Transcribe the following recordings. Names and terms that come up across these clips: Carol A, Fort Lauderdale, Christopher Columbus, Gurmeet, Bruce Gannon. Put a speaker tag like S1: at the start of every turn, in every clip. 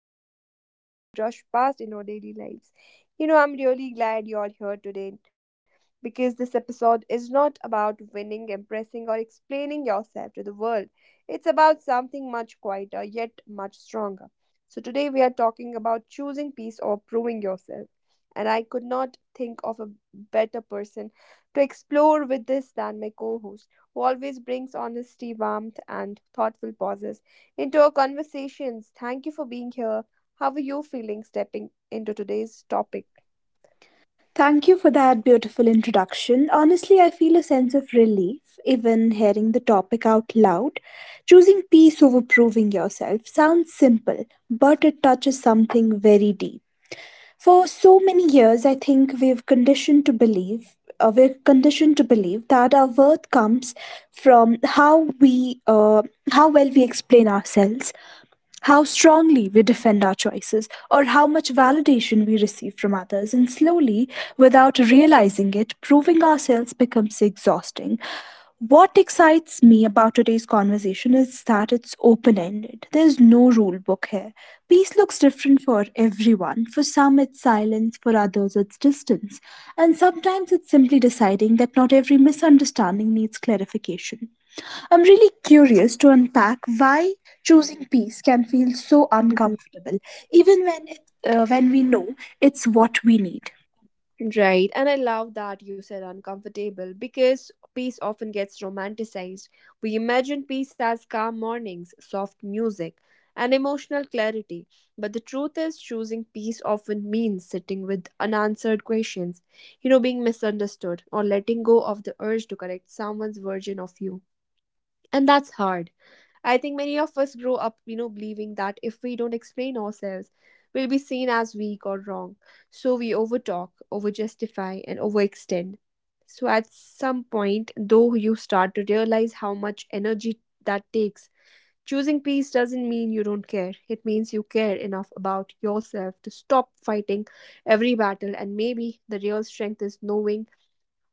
S1: the things we usually rush past in our daily lives. You know, I'm really glad you're here today because this episode is not about winning, impressing, or explaining yourself to the world. It's about something much quieter yet much stronger. So, today we are talking about choosing peace or proving yourself. And I could not think of a better person to explore with this than my co host who always brings honesty, warmth, and thoughtful pauses into our conversations. Thank you for being here. How are you feeling stepping into today's topic?
S2: Thank you for that beautiful introduction. Honestly, I feel a sense of relief even hearing the topic out loud. Choosing peace over proving yourself sounds simple, but it touches something very deep. For so many years, I think we've conditioned to believe we're conditioned to believe that our worth comes from how we how well we explain ourselves, how strongly we defend our choices, or how much validation we receive from others, and slowly, without realizing it, proving ourselves becomes exhausting. What excites me about today's conversation is that it's open ended. There's no rule book here. Peace looks different for everyone. For some, it's silence; for others, it's distance. And sometimes it's simply deciding that not every misunderstanding needs clarification. I'm really curious to unpack why choosing peace can feel so uncomfortable, even when when we know it's what we need.
S1: Right, and I love that you said uncomfortable because peace often gets romanticized. We imagine peace as calm mornings, soft music, and emotional clarity. But the truth is, choosing peace often means sitting with unanswered questions, you know, being misunderstood, or letting go of the urge to correct someone's version of you. And that's hard. I think many of us grow up, you know, believing that if we don't explain ourselves, we'll be seen as weak or wrong. So we overtalk, overjustify, and overextend. So at some point, though, you start to realize how much energy that takes. Choosing peace doesn't mean you don't care. It means you care enough about yourself to stop fighting every battle, and maybe the real strength is knowing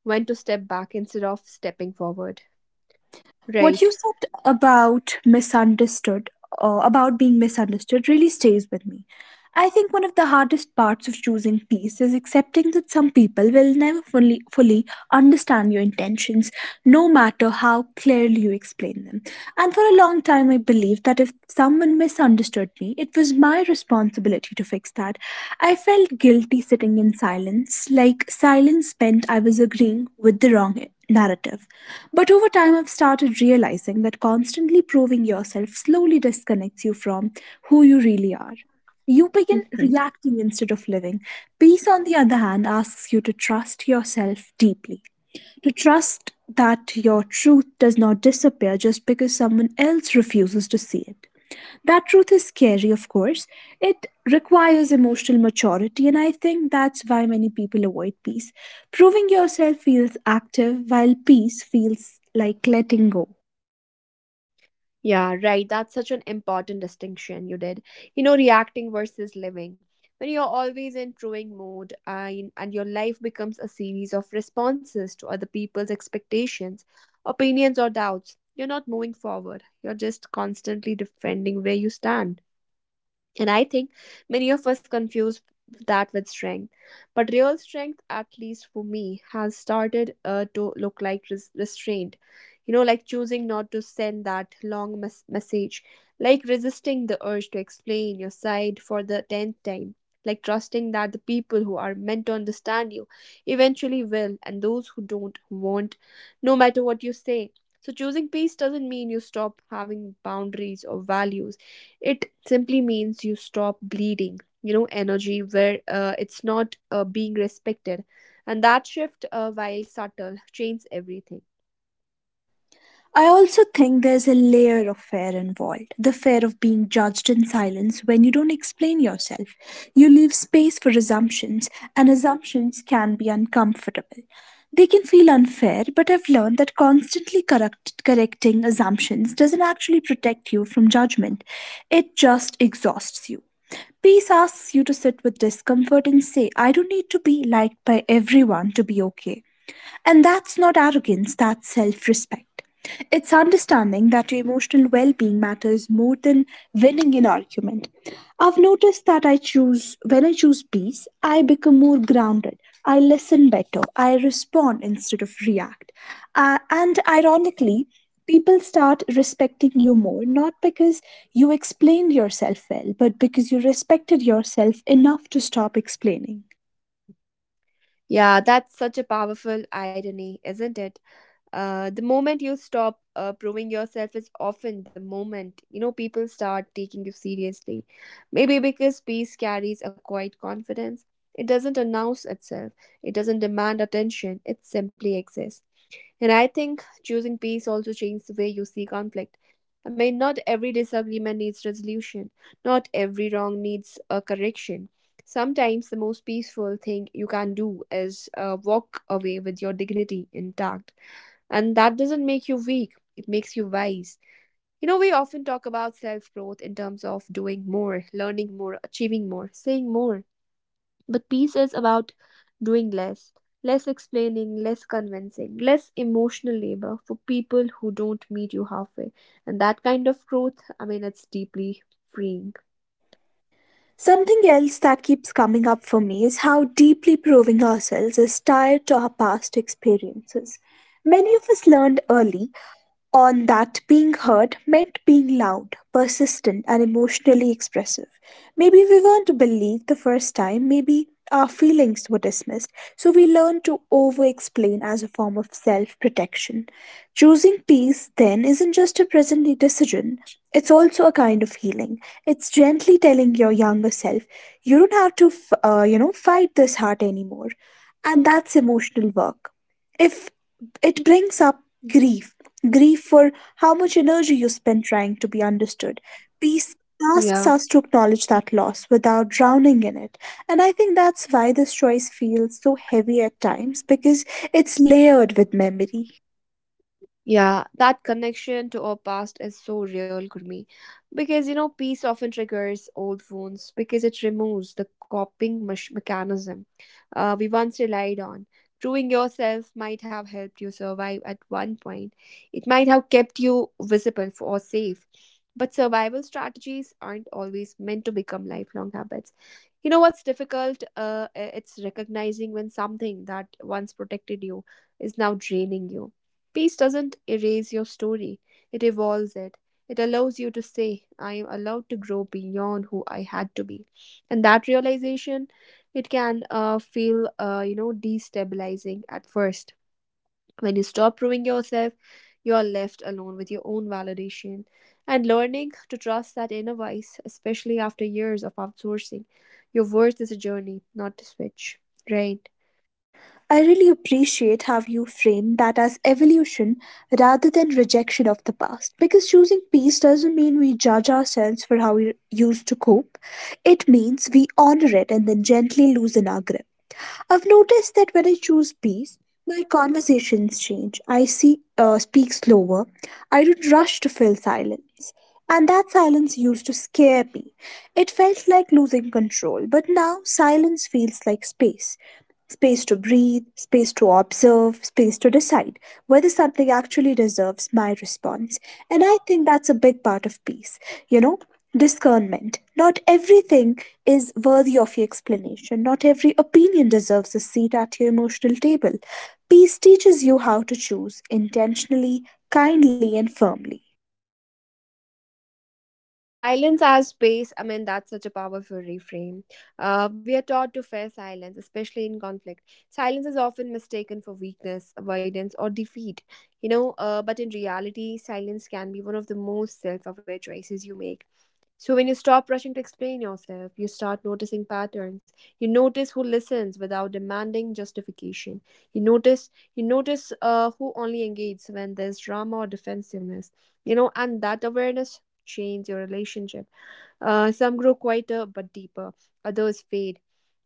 S1: when to step back instead of stepping forward.
S2: What
S1: Right.
S2: you said about about being misunderstood really stays with me. I think one of the hardest parts of choosing peace is accepting that some people will never fully understand your intentions, no matter how clearly you explain them. And for a long time, I believed that if someone misunderstood me, it was my responsibility to fix that. I felt guilty sitting in silence, like silence meant I was agreeing with the wrong narrative. But over time, I've started realizing that constantly proving yourself slowly disconnects you from who you really are. You begin
S1: Hmm.
S2: reacting instead of living. Peace, on the other hand, asks you to trust yourself deeply, to trust that your truth does not disappear just because someone else refuses to see it. That truth is scary, of course. It requires emotional maturity, and I think that's why many people avoid peace. Proving yourself feels active, while peace feels like letting go.
S1: Yeah, right. That's such an important distinction you did. You know, reacting versus living. When you're always in crewing mode and your life becomes a series of responses to other people's expectations, opinions, or doubts, you're not moving forward. You're just constantly defending where you stand. And I think many of us confuse that with strength. But real strength, at least for me, has started to look like restraint. You know, like choosing not to send that long message, like resisting the urge to explain your side for the 10th time, like trusting that the people who are meant to understand you eventually will, and those who don't won't, no matter what you say. So, choosing peace doesn't mean you stop having boundaries or values. It simply means you stop bleeding, you know, energy where it's not being respected, and that shift, while subtle, changes everything.
S2: I also think there's a layer of fear involved, the fear of being judged in silence. When you don't explain yourself, you leave space for assumptions, and assumptions can be uncomfortable. They can feel unfair, but I've learned that correcting assumptions doesn't actually protect you from judgment, it just exhausts you. Peace asks you to sit with discomfort and say, "I don't need to be liked by everyone to be okay." And that's not arrogance, that's self respect. It's understanding that your emotional well being matters more than winning an argument. I've noticed that when I choose peace, I become more grounded. I listen better. I respond instead of react. And ironically, people start respecting you more, not because you explained yourself well, but because you respected yourself enough to stop explaining.
S1: Yeah, that's such a powerful irony, isn't it? The moment you stop proving yourself is often the moment, you know, people start taking you seriously. Maybe because peace carries a quiet confidence. It doesn't announce itself. It doesn't demand attention. It simply exists. And I think choosing peace also changes the way you see conflict. I mean, not every disagreement needs resolution, not every wrong needs a correction. Sometimes the most peaceful thing you can do is walk away with your dignity intact. And that doesn't make you weak, it makes you wise. You know, we often talk about self growth in terms of doing more, learning more, achieving more, saying more. But peace is about doing less, less explaining, less convincing, less emotional labor for people who don't meet you halfway. And that kind of growth, I mean, it's deeply freeing.
S2: Something else that keeps coming up for me is how deeply proving ourselves is tied to our past experiences. Many of us learned early on that being heard meant being loud, persistent, and emotionally expressive. Maybe we weren't believed the first time, maybe our feelings were dismissed, so we learned to over explain as a form of self protection. Choosing peace, then, isn't just a presently decision, it's also a kind of healing. It's gently telling your younger self, you don't have to, fight this heart anymore. And that's emotional work. If it brings up grief, grief for how much energy you spend trying to be understood, peace asks
S1: Yeah.
S2: us to acknowledge that loss without drowning in it. And I think that's why this choice feels so heavy at times, because it's layered with memory.
S1: Yeah, that connection to our past is so real, Gurmeet. Because you know, peace often triggers old wounds because it removes the coping mechanism we once relied on. Proving yourself might have helped you survive at one point. It might have kept you visible for, or safe. But survival strategies aren't always meant to become lifelong habits. You know what's difficult? It's recognizing when something that once protected you is now draining you. Peace doesn't erase your story, it evolves it. It allows you to say, I am allowed to grow beyond who I had to be. And that realization, it can feel, destabilizing at first. When you stop proving yourself, you are left alone with your own validation. And learning to trust that inner voice, especially after years of outsourcing your worth, is a journey, not a switch. Right.
S2: I really appreciate how you framed that as evolution rather than rejection of the past, because choosing peace doesn't mean we judge ourselves for how we used to cope. It means we honor it and then gently loosen our grip. I've noticed that when I choose peace, my conversations change. Speak slower. I don't rush to fill silence. And that silence used to scare me. It felt like losing control, but now silence feels like space, space to breathe, space to observe, space to decide whether something actually deserves my response. And I think that's a big part of peace, you know, discernment. Not everything is worthy of your explanation, not every opinion deserves a seat at your emotional table. Peace teaches you how to choose intentionally, kindly, and firmly.
S1: Yeah, silence as space. I mean, that's such a powerful reframe. We are taught to fear silence, especially in conflict. Silence is often mistaken for weakness, avoidance, or defeat. You know, but in reality, silence can be one of the most self aware choices you make. So, when you stop rushing to explain yourself, you start noticing patterns. You notice who listens without demanding justification. You notice you notice who only engages when there's drama or defensiveness. You know, and that awareness change your relationship. Some grow quieter but deeper, others fade.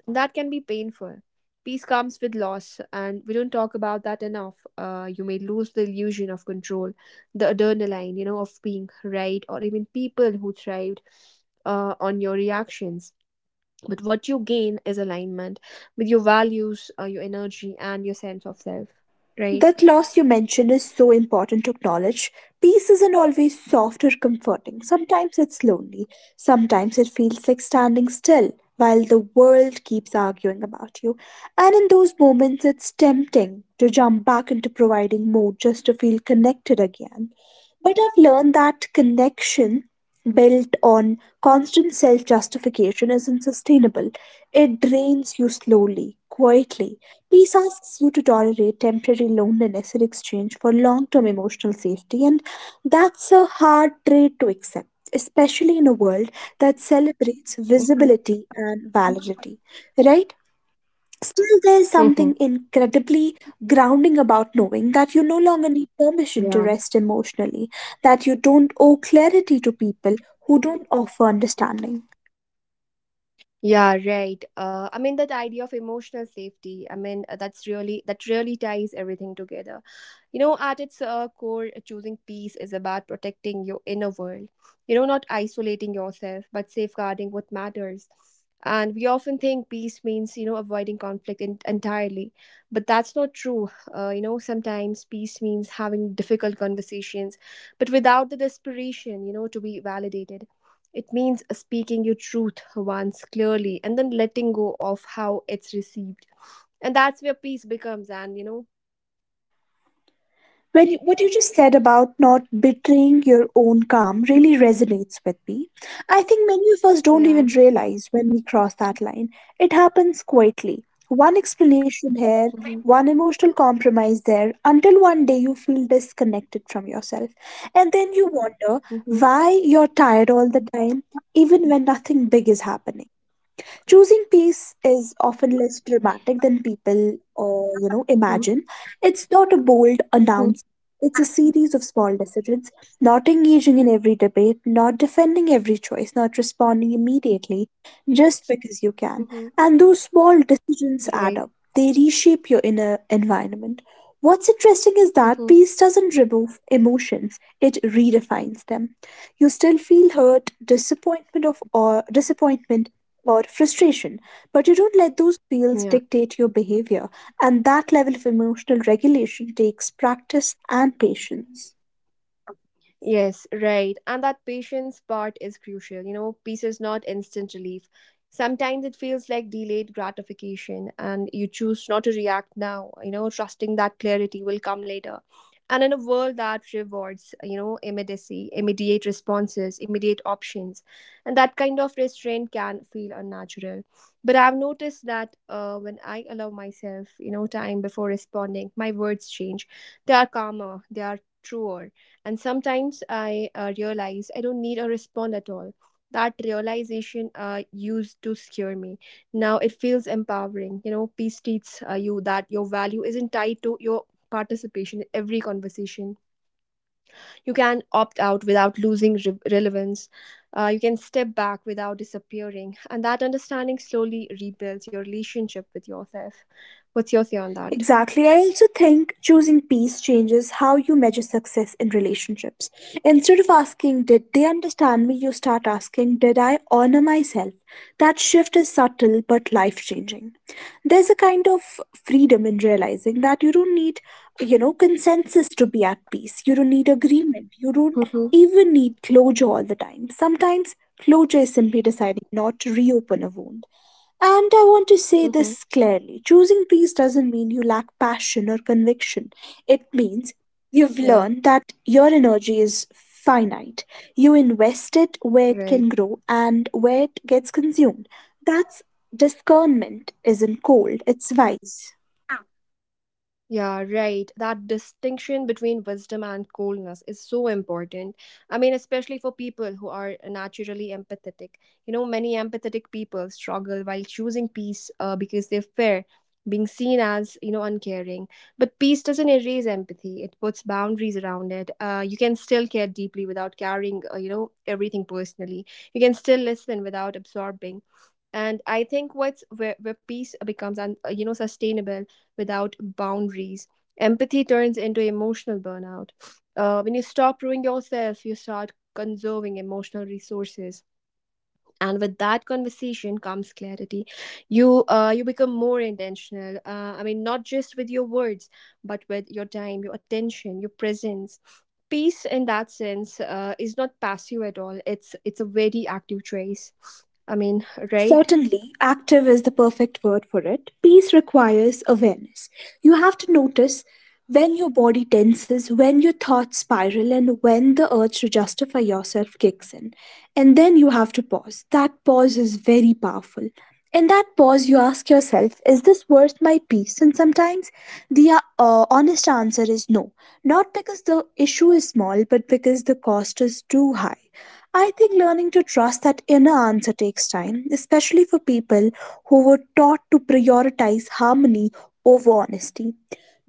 S1: That can be painful. Peace comes with loss, and we don't talk about that enough. You may lose the illusion of control, the adrenaline, you know, of being right, or even people who thrived on your reactions. But what you gain is alignment with your values, your energy, and your sense of self, right?
S2: That loss you mentioned is so important to acknowledge. Peace isn't always soft or comforting. Sometimes it's lonely. Sometimes it feels like standing still while the world keeps arguing about you. And in those moments, it's tempting to jump back into providing more just to feel connected again. But I've learned that connection built on constant self justification isn't sustainable. It drains you slowly, quietly. Peace asks you to tolerate temporary loneliness in exchange for long term emotional safety, and that's a hard trait to accept, especially in a world that celebrates
S1: Mm-hmm.
S2: visibility and validity, right? Still, there's
S1: Mm-hmm.
S2: something incredibly grounding about knowing that you no longer need permission to rest emotionally, that you don't owe clarity to people who don't offer understanding.
S1: Yeah, right. I mean that idea of emotional safety. I mean, that's really, that really ties everything together. You know, at its core, choosing peace is about protecting your inner world. You know, not isolating yourself, but safeguarding what matters. And we often think peace means, you know, avoiding conflict entirely, but that's not true. You know, sometimes peace means having difficult conversations, but without the desperation, you know, to be validated. It means speaking your truth once clearly and then letting go of how it's received. And that's where peace becomes, and you know,
S2: What you just said about not betraying your own calm really resonates with me. I think many of us don't
S1: yeah.
S2: even realize when we cross that line. It happens quietly. One explanation here,
S1: Mm-hmm.
S2: one emotional compromise there, until one day you feel disconnected from yourself. And then you wonder
S1: Mm-hmm.
S2: why you're tired all the time, even when nothing big is happening. Choosing peace is often less dramatic than people, or you know,
S1: Mm-hmm.
S2: imagine. It's not a bold
S1: Mm-hmm.
S2: announce. It's a series of small decisions, not engaging in every debate, not defending every choice, not responding immediately, just because you can.
S1: Mm-hmm.
S2: And those small decisions add
S1: Right.
S2: up. They reshape your inner environment. What's interesting is that
S1: Mm-hmm.
S2: peace doesn't remove emotions, it redefines them. You still feel hurt, disappointment or frustration, but you don't let those feels
S1: Yeah.
S2: dictate your behavior, and that level of emotional regulation takes practice and patience.
S1: Yes, right. And that patience part is crucial. You know, peace is not instant relief. Sometimes it feels like delayed gratification, and you choose not to react now, you know, trusting that clarity will come later. And in a world that rewards, you know, immediacy, immediate responses, immediate options, and that kind of restraint can feel unnatural. But I've noticed that when I allow myself, you know, time before responding, my words change. They are calmer, they are truer, and sometimes I realize I don't need a respond at all. That realization used to scare me. Now it feels empowering. You know, peace teaches you that your value isn't tied to your participation in every conversation. You can opt out without losing relevance. You can step back without disappearing. And that understanding slowly rebuilds your relationship with yourself. What's your say on that?
S2: Exactly. I also think choosing peace changes how you measure success in relationships. Instead of asking, "Did they understand me?" you start asking, "Did I honor myself?" That shift is subtle but life changing. There's a kind of freedom in realizing that you don't need, you know, consensus to be at peace. You don't need agreement. You don't
S1: Mm-hmm.
S2: even need closure all the time. Sometimes closure is simply deciding not to reopen a wound. And I want to say
S1: Mm-hmm.
S2: this clearly, choosing peace doesn't mean you lack passion or conviction. It means you've
S1: Yeah,
S2: learned that your energy is finite. You invest it where it
S1: right.
S2: can grow and where it gets consumed. That's discernment, isn't cold, it's wise.
S1: Yeah, right. That distinction between wisdom and coldness is so important. I mean, especially for people who are naturally empathetic. You know, many empathetic people struggle while choosing peace because they fear being seen as, uncaring. But peace doesn't erase empathy, it puts boundaries around it. You can still care deeply without carrying, everything personally. You can still listen without absorbing. And I think what's where peace becomes, sustainable without boundaries. Empathy turns into emotional burnout. When you stop doing yourself, you start conserving emotional resources. And with that conversation comes clarity. You you become more intentional. I mean, not just with your words, but with your time, your attention, your presence. Peace, in that sense, is not passive at all. It's a very active choice. I mean, right?
S2: Certainly, active is the perfect word for it. Peace requires awareness. You have to notice when your body tenses, when your thoughts spiral, and when the urge to justify yourself kicks in. And then you have to pause. That pause is very powerful. In that pause, you ask yourself, is this worth my peace? And sometimes the honest answer is no, not because the issue is small, but because the cost is too high. I think learning to trust that inner answer takes time, especially for people who were taught to prioritize harmony over honesty.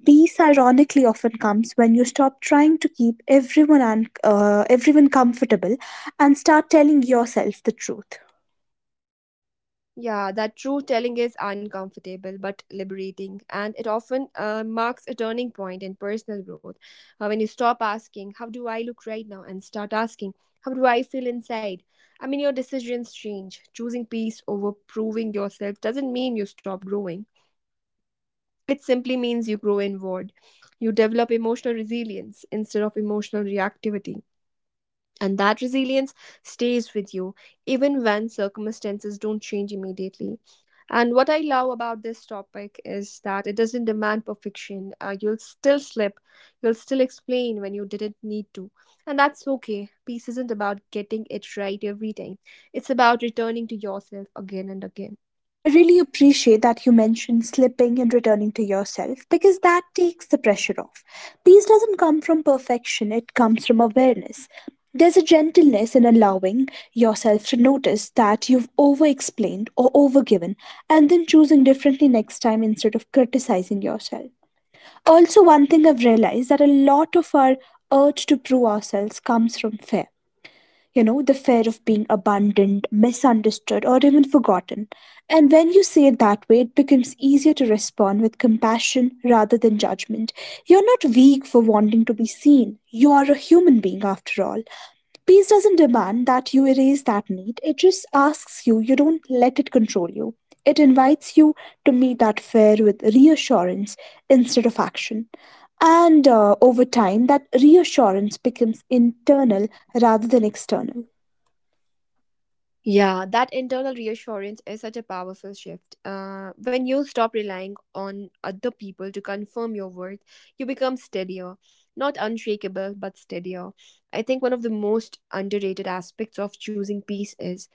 S2: Peace, ironically, often comes when you stop trying to keep everyone comfortable and start telling yourself the truth.
S1: Yeah, that true telling is uncomfortable but liberating, and it often marks a turning point in personal growth. When you stop asking, How do I look right now? And start asking, How do I feel inside? I mean, your decisions change. Choosing peace over proving yourself doesn't mean you stop growing, it simply means you grow inward. You develop emotional resilience instead of emotional reactivity. And that resilience stays with you even when circumstances don't change immediately. And what I love about this topic is that it doesn't demand perfection. You'll still slip, you'll still explain when you didn't need to. And that's okay. Peace isn't about getting it right every time, it's about returning to yourself again and again.
S2: I really appreciate that you mentioned slipping and returning to yourself, because that takes the pressure off. Peace doesn't come from perfection, it comes from awareness. There's a gentleness in allowing yourself to notice that you've over explained or overgiven, and then choosing differently next time instead of criticizing yourself. Also, one thing I've realized that a lot of our urge to prove ourselves comes from fear. You know, the fear of being abandoned, misunderstood, or even forgotten. And when you say it that way, it becomes easier to respond with compassion rather than judgment. You're not weak for wanting to be seen. You are a human being after all. Peace doesn't demand that you erase that need, it just asks you, you don't let it control you. It invites you to meet that fear with reassurance instead of action. And over time, that reassurance becomes internal rather than external.
S1: Yeah, that internal reassurance is such a powerful shift. When you stop relying on other people to confirm your worth, you become steadier. Not unshakable, but steadier. I think one of the most underrated aspects of choosing peace is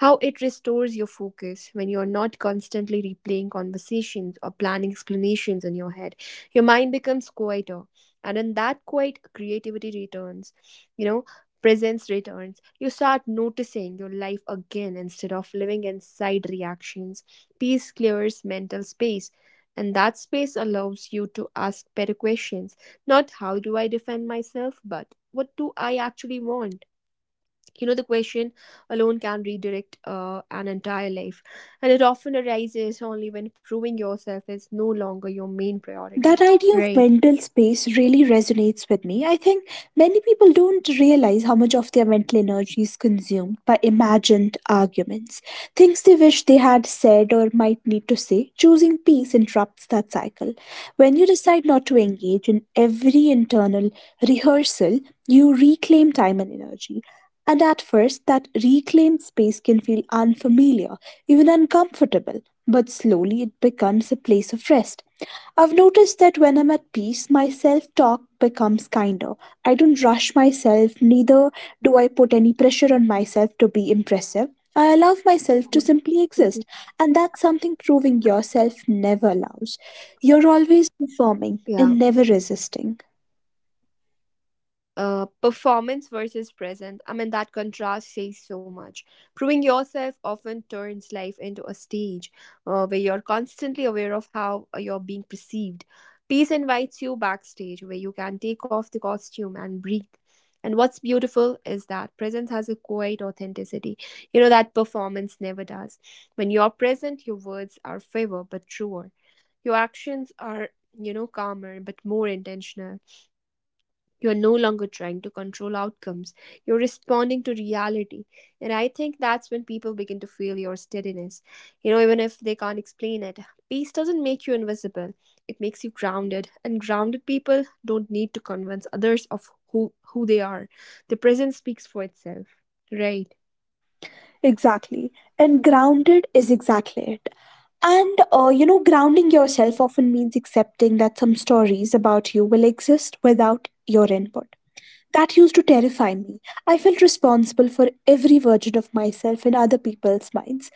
S1: how it restores your focus when you're not constantly replaying conversations or planning explanations in your head. Your mind becomes quieter, and in that quiet, creativity returns. You know, presence returns. You start noticing your life again instead of living inside reactions. Peace clears mental space, and that space allows you to ask better questions. Not how do I defend myself, but what do I actually want? You know, the question alone can redirect an entire life, and it often arises only when proving yourself is no longer your main
S2: That
S1: priority.
S2: idea of
S1: Right.
S2: mental space really resonates with me. I think many people don't realize how much of their mental energy is consumed by imagined arguments, things they wish they had said or might need to say. Choosing peace interrupts that cycle. When you decide not to engage in every internal rehearsal, you reclaim time and energy. And at first, that reclaimed space can feel unfamiliar, even uncomfortable, but slowly it becomes a place of rest. I've noticed that when I'm at peace, my self talk becomes kinder. I don't rush myself, neither do I put any pressure on myself to be impressive. I allow myself to
S1: Mhm.
S2: simply exist,
S1: Mhm.
S2: and that's something proving yourself never allows. You're always performing and
S1: Yeah.
S2: never resisting.
S1: Performance versus present. I mean, that contrast says so much. Proving yourself often turns life into a stage where you're constantly aware of how you're being perceived. Peace invites you backstage where you can take off the costume and breathe. And what's beautiful is that presence has a quiet authenticity, you know, that performance never does. When you're present, your words are fewer but truer. Your actions are, you know, calmer but more intentional. You're no longer trying to control outcomes, you're responding to reality. And I think that's when people begin to feel your steadiness. You know, even if they can't explain it, peace doesn't make you invisible, it makes you grounded. And grounded people don't need to convince others of who they are. The presence speaks for itself. Right.
S2: Exactly. And grounded is exactly it. Grounding yourself often means accepting that some stories about you will exist without your input. That used to terrify me. I felt responsible for every version of myself in other people's minds.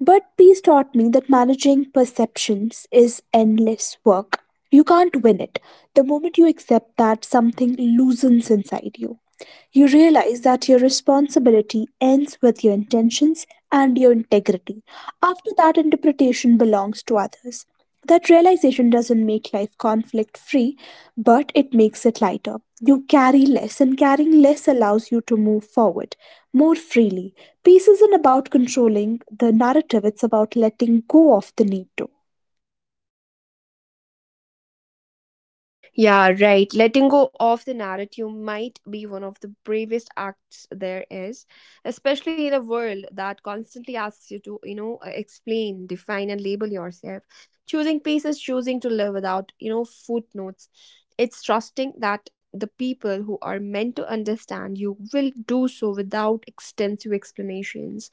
S2: But peace taught me that managing perceptions is endless work. You can't win it. The moment you accept that, something loosens inside you. You realize that your responsibility ends with your intentions and your integrity. After that, interpretation belongs to others. That realization doesn't make life conflict free, but it makes it lighter. You carry less, and carrying less allows you to move forward more freely. Peace isn't about controlling the narrative, it's about letting go of the need to.
S1: Yeah, right. Letting go of the narrative might be one of the bravest acts there is, especially in a world that constantly asks you to, you know, explain, define, and label yourself. Choosing peace is choosing to live without, you know, footnotes. It's trusting that the people who are meant to understand you will do so without extensive explanations.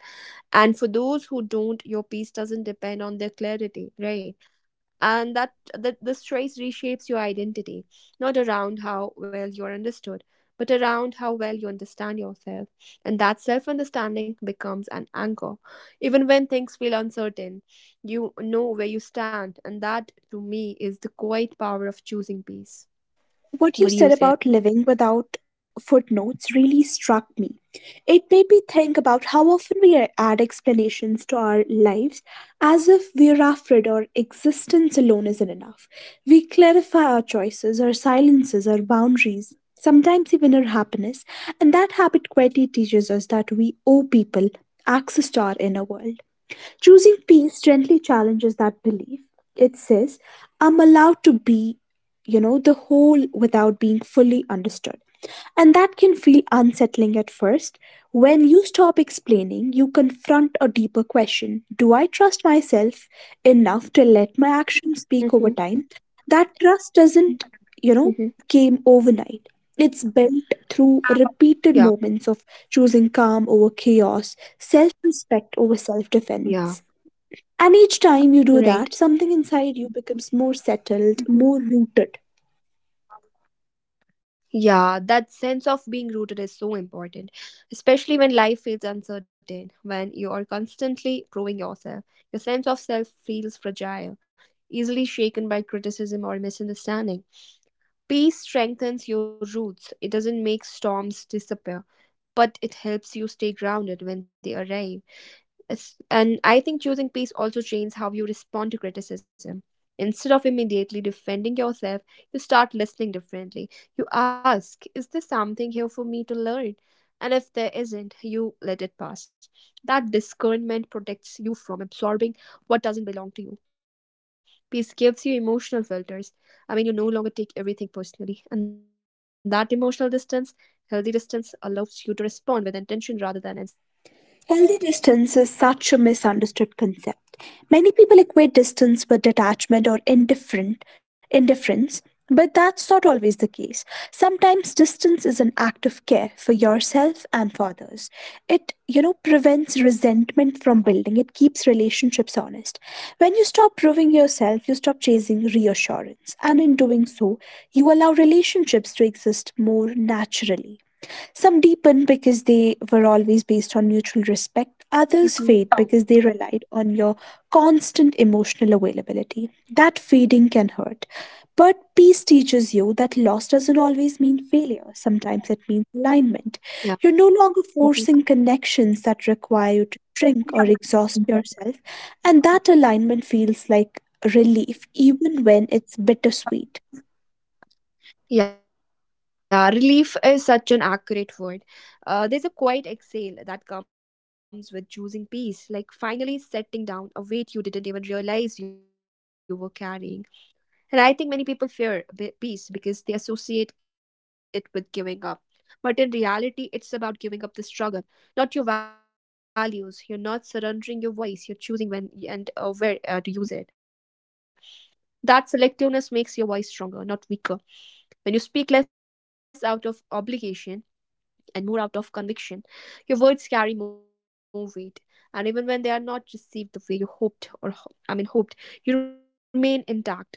S1: And for those who don't, your peace doesn't depend on their clarity, right? and that, that this choice reshapes your identity, not around how well you're understood, but around how well you understand yourself. And that self-understanding becomes an anchor even when things feel uncertain. You know where you stand, and that to me is the quiet power of choosing peace.
S2: What you
S1: What do you
S2: said
S1: say on
S2: about
S1: that?
S2: living without footnotes really struck me. It made me think about how often we add explanations to our lives as if we're after it or existence alone isn't enough. We clarify our choices, our silences, our boundaries, sometimes even our happiness, and that habit quietly teaches us that we owe people access to our inner world. Choosing peace gently challenges that belief. It says, I'm allowed to be, you know, the whole without being fully understood. And that can feel unsettling at first. When you stop explaining, you confront a deeper question. Do I trust myself enough to let my actions speak over
S1: Hmm.
S2: time? That trust doesn't, you know,
S1: Hmm.
S2: came overnight. It's built through repeated
S1: Yeah.
S2: moments of choosing calm over chaos, self respect over self
S1: Yeah.
S2: defense. And each time you do that,
S1: Right.
S2: something inside you becomes more settled, more rooted.
S1: Yeah, that sense of being rooted is so important, especially when life feels uncertain, when you are constantly proving yourself. Your sense of self feels fragile, easily shaken by criticism or misunderstanding. Peace strengthens your roots. It doesn't make storms disappear, but it helps you stay grounded when they arrive. And I think choosing peace also changes how you respond to criticism. Instead of immediately defending yourself, you start listening differently. You ask, is there something here for me to learn? And if there isn't, you let it pass. That discernment protects you from absorbing what doesn't belong to you. Peace gives you emotional filters. I mean, you no longer take everything personally. And that emotional distance, healthy distance, allows you to respond with intention rather than instinct.
S2: Healthy distance is
S1: Right.
S2: such a misunderstood concept. Many people equate distance with detachment or indifferent indifference, but that's not always the case. Sometimes distance is an act of care for yourself and for others. It prevents resentment from building. It keeps relationships honest. When you stop proving yourself, you stop chasing reassurance, and in doing so, you allow relationships to exist more naturally. Some deepen because they were always based on mutual respect. Others fade because they relied on your
S1: Mhm.
S2: constant emotional availability. That fading can hurt. But peace teaches you that loss doesn't always mean failure. Sometimes it means alignment. You're no
S1: Yeah.
S2: longer forcing connections
S1: Mhm.
S2: that require you to shrink or exhaust yourself. And that alignment feels like relief, even when it's bittersweet.
S1: Yeah, relief is such an accurate word. There's a quiet exhale that comes with choosing peace, like finally setting down a weight you didn't even realize you were carrying. And I think many people fear peace because they associate it with giving up. But in reality, it's about giving up the struggle, not your values. You're not surrendering your voice, you're choosing when and where to use it. That selectiveness makes your voice stronger, not weaker. When you speak less out of obligation and more out of conviction, your words carry more weight. And even when they are not received the way you hoped or ho- I mean hoped, you remain intact.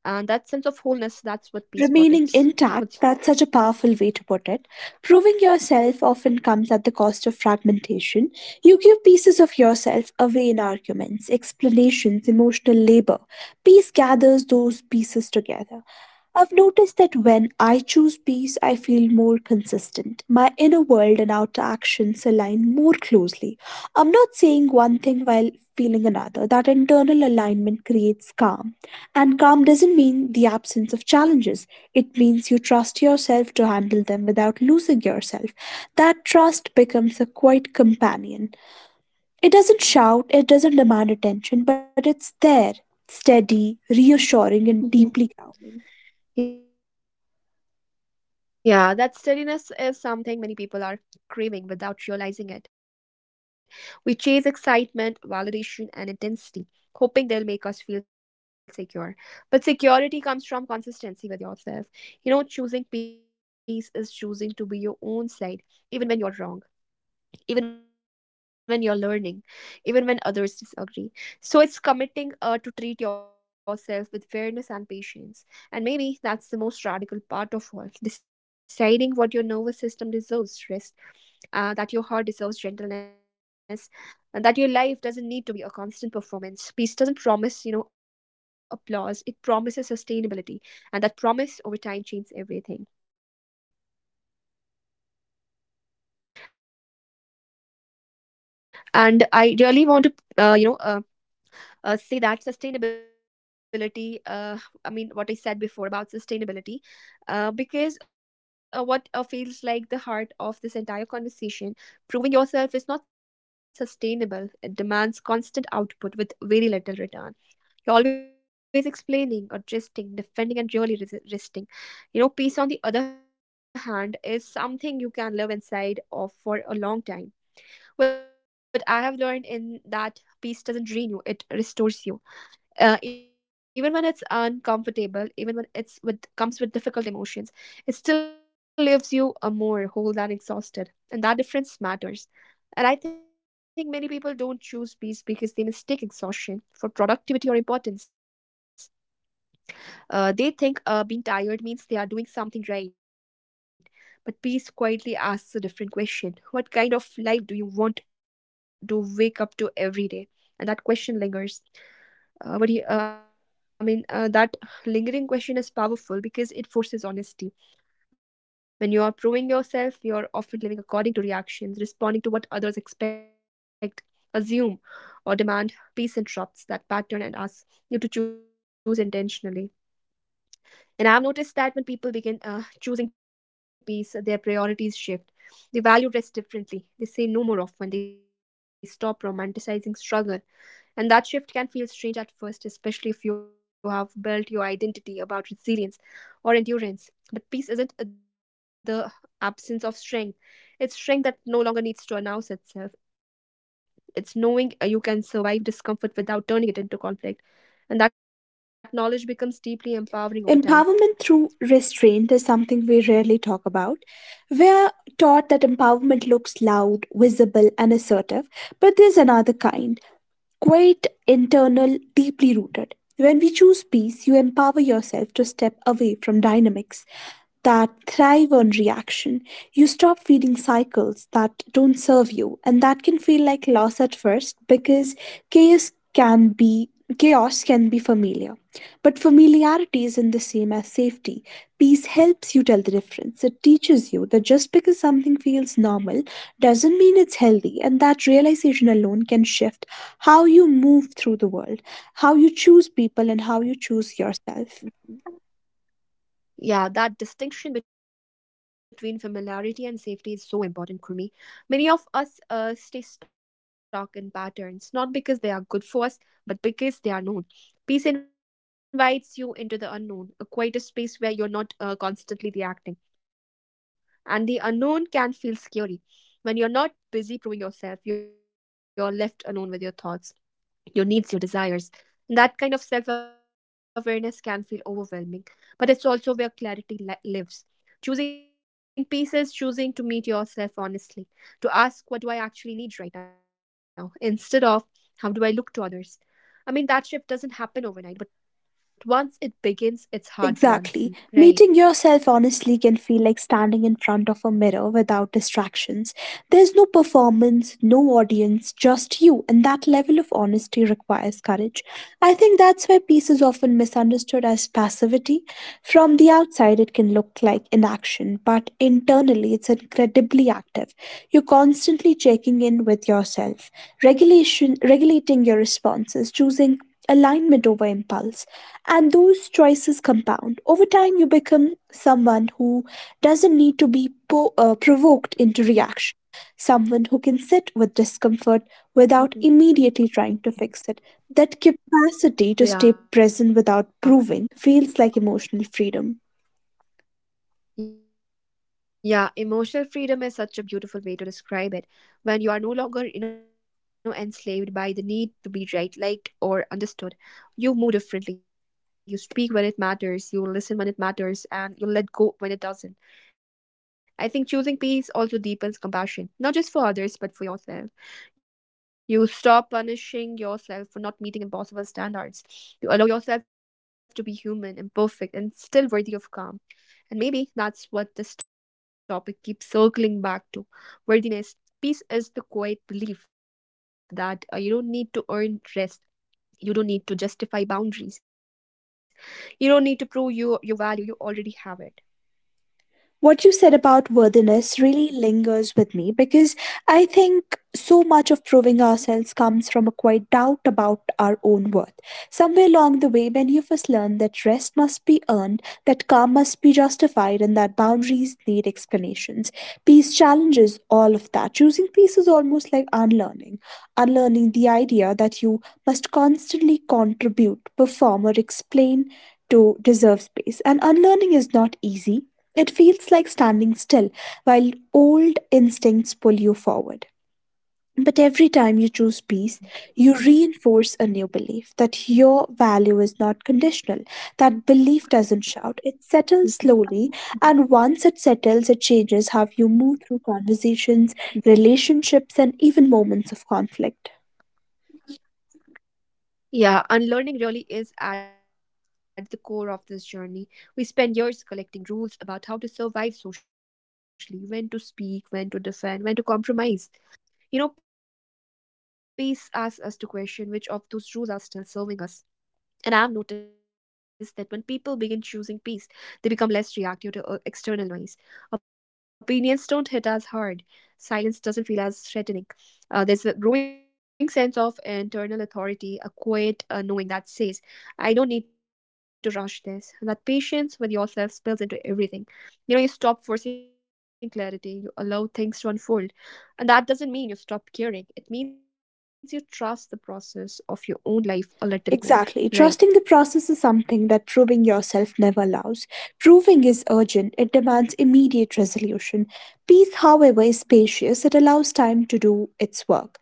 S1: And that sense of wholeness, that's what peace
S2: Remaining
S1: protects.
S2: intact, that's such
S1: What's
S2: a
S1: your say on
S2: powerful way to put it. Proving yourself often comes at the cost of fragmentation. You give pieces of yourself away in arguments, explanations, emotional labor. Peace gathers those pieces together. I've noticed that when I choose peace, I feel more consistent. My inner world and outer actions align more closely. I'm not saying one thing while feeling another. That internal alignment creates calm. And calm doesn't mean the absence of challenges, it means you trust yourself to handle them without losing yourself. That trust becomes a quiet companion. It doesn't shout, it doesn't demand attention, but it's there, steady, reassuring, and deeply grounding.
S1: that? Yeah, that steadiness is something many people are craving without realizing it. We chase excitement, validation, and intensity, hoping they'll make us feel secure. But security comes from consistency with yourself. You know, choosing peace is choosing to be your own side, even when you're wrong, even when you're learning, even when others disagree. So it's committing to treat yourself with fairness and patience. And maybe that's the most radical part of all, deciding what your nervous system deserves rest, that your heart deserves gentleness. And that your life doesn't need to be a constant performance. Peace doesn't promise, you know, applause. It promises sustainability. And that promise over time changes everything. Right. And I really want to, uh, you know, um say that sustainability I mean what I said before about sustainability, because what feels like the heart of this entire conversation. Proving yourself is not sustainable, it demands constant output with very little return. You're always explaining, adjusting, defending, and really resisting. You know, peace on the other hand is something you can live inside of for a long time. What I have learned in that peace doesn't drain you, it restores you. Even when it's uncomfortable, even when it's with comes with difficult emotions, it still leaves you a more whole than exhausted, and that difference matters. And I think many people don't choose peace because they mistake exhaustion for productivity or importance. They think being tired means they are doing something right, but peace quietly asks a different question: what kind of life do you want to wake up to every day? And that question lingers. What do you, I mean, That lingering question is powerful because it forces honesty. When you are proving yourself, you're often living according to reactions, responding to what others expect, assume, or demand. Peace interrupts that pattern and asks you to choose intentionally. And I've noticed that when people begin choosing peace, their priorities shift. They value rest differently. They say no more often. They stop romanticizing struggle, and that shift can feel strange at first, especially if you have built your identity about resilience or endurance. But peace isn't the absence of strength, it's strength that no longer needs to announce itself. It's knowing you can survive discomfort without turning it into conflict. And that knowledge becomes deeply empowering over time.
S2: Empowerment through restraint is something we rarely talk about. We're taught that empowerment looks loud, visible, and assertive, but there's another kind, quite internal, deeply rooted. When we choose peace, you empower yourself to step away from dynamics that thrive on reaction. You stop feeding cycles that don't serve you, and that can feel like loss at first because chaos can be chaos can be familiar. But familiarity isn't the same as safety. Peace helps you tell the difference. It teaches you that just because something feels normal doesn't mean it's healthy, and that realization alone can shift how you move through the world, how you choose people, and how you choose yourself.
S1: Yeah, that distinction between familiarity and safety is so important, Kurmi. Many of us stay stuck in patterns, not because they are good for us, but because they are known. Peace invites you into the unknown, a quieter space where you're not constantly reacting. And the unknown can feel scary. When you're not busy proving yourself, you're left alone with your thoughts, your needs, your desires. And that kind of self awareness can feel overwhelming, but it's also where clarity lives. Choosing peace is choosing to meet yourself honestly, to ask, what do I actually need right now? Instead of, how do I look to others? I mean, that shift doesn't happen overnight, but once it begins, it's hard to
S2: Exactly.
S1: unsee, right?
S2: Meeting yourself honestly can feel like standing in front of a mirror without distractions. There's no performance, no audience, just you, and that level of honesty requires courage. I think that's why peace is often misunderstood as passivity. From the outside, it can look like inaction, but internally, it's incredibly active. You're constantly checking in with yourself, regulation, regulating your responses, choosing alignment over impulse, and those choices compound. Over time, you become someone who doesn't need to be provoked into reaction, someone who can sit with discomfort without
S1: Mhm.
S2: immediately trying to fix it. That capacity to stay present without
S1: Yeah.
S2: proving feels like emotional freedom.
S1: Yeah, emotional freedom is such a beautiful way to describe it. When you are no longer, you know, enslaved by the need to be right, liked, or understood, you move differently. You speak when it matters, you listen when it matters, and you let go when it doesn't. I think choosing peace also deepens compassion, not just for others, but for yourself. You stop punishing yourself for not meeting impossible standards. You allow yourself to be human, imperfect, and still worthy of calm. And maybe that's what this topic keeps circling back to, worthiness. Peace is the quiet belief that you don't need to earn rest. You don't need to justify boundaries. You don't need to prove your value. You already have it.
S2: What you said about worthiness really lingers with me because I think so much of proving ourselves comes from a quiet doubt about our own worth. Somewhere along the way, many of us learn that rest must be earned, that calm must be justified, and that boundaries need explanations. Peace challenges all of that. Choosing peace is almost like unlearning, unlearning the idea that you must constantly contribute, perform, or explain to deserve space. And unlearning is not easy. It feels like standing still while old instincts pull you forward. But every time you choose peace, you reinforce a new belief that your value is not conditional. That belief doesn't shout, it settles slowly, and once it settles, it changes how you move through conversations, relationships, and even moments of conflict.
S1: Yeah, unlearning really is at the core of this journey. We spend years collecting rules about how to survive socially, when to speak, when to defend, when to compromise. You know, peace asks us to question which of those rules are still serving us. And I've noticed that when people begin choosing peace, they become less reactive to external noise. Opinions don't hit as hard. Silence doesn't feel as threatening. There's a growing sense of internal authority, a quiet knowing that says, I don't need to rush this. That patience with yourself spills into everything. You know, you stop forcing clarity, you allow things to unfold. And that doesn't mean you stop caring, it means you trust the process of your own life a little more,
S2: Exactly. Trusting the
S1: right?
S2: process is something that proving yourself never allows. Proving is urgent, it demands immediate resolution. Peace, however, is spacious, it allows time to do its work.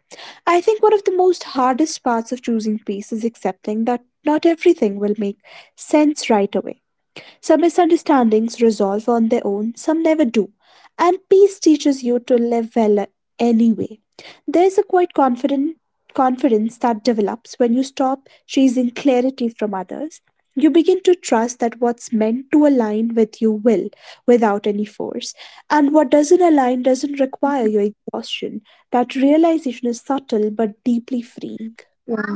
S2: I think one of the most hardest parts of choosing peace is accepting that not everything will make sense right away. Some misunderstandings resolve on their own, some never do. And peace teaches you to live well anyway. There's a quite confident confidence that develops when you stop chasing clarity from others. You begin to trust that what's meant to align with you will without any force. And what doesn't align doesn't require your exhaustion. That realization is subtle but deeply freeing.
S1: Yeah.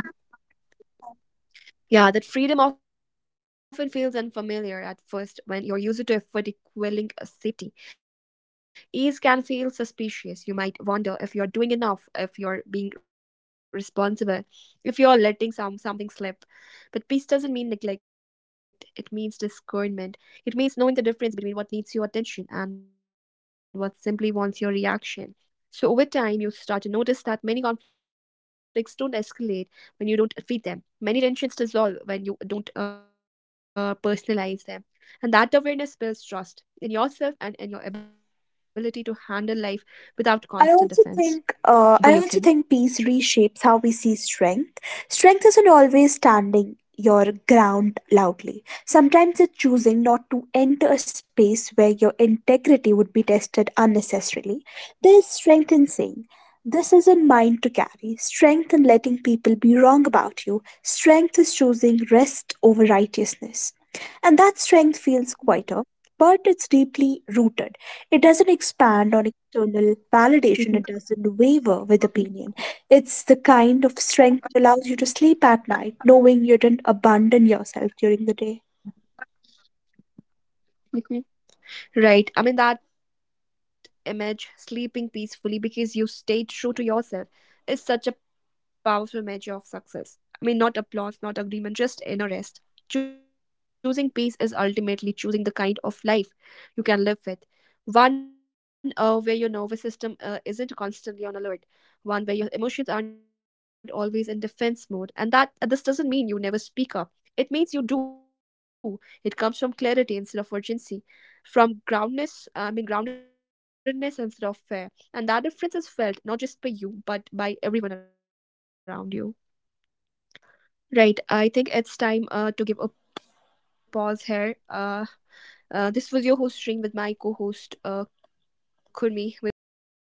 S1: Yeah, that freedom often feels unfamiliar at first when you're used to effort equaling safety. Ease can feel suspicious. You might wonder if you're doing enough, if you're being responsible, if you're letting something slip. But peace doesn't mean neglect. It means discernment. It means knowing the difference between what needs your attention and what simply wants your reaction. So over time, you start to notice that many conflicts don't escalate when you don't feed them. Many tensions dissolve when you don't personalize them. And that awareness builds trust in yourself and in your ability to handle life without constant defense.
S2: I also
S1: What do
S2: think
S1: you
S2: peace
S1: think?
S2: reshapes how we see strength. Strength isn't always standing your ground loudly. Sometimes it's choosing not to enter a space where your integrity would be tested unnecessarily. There's strength in saying, this isn't mine to carry. Strength in letting people be wrong about you. Strength is choosing rest over righteousness. And that strength feels quieter but it's deeply rooted. It doesn't expand on external validation, it doesn't waver with opinion. It's the kind of strength that allows you to sleep at night knowing you didn't abandon yourself during the day.
S1: Hmm. Right. I mean, that image, sleeping peacefully because you stay true to yourself, is such a powerful measure of success. I mean, not applause, not agreement, just inner rest. Choosing peace is ultimately choosing the kind of life you can live with. One where your nervous system isn't constantly on alert. One where your emotions aren't always in defense mode. And that this doesn't mean you never speak up. It means you do. It comes from clarity instead of urgency, from groundness I mean groundedness instead of fear, and that difference is felt not just by you but by everyone around you. Right. I think it's time to give a pause here. This was your host Stream with my co-host Kurmi. We will catch you in the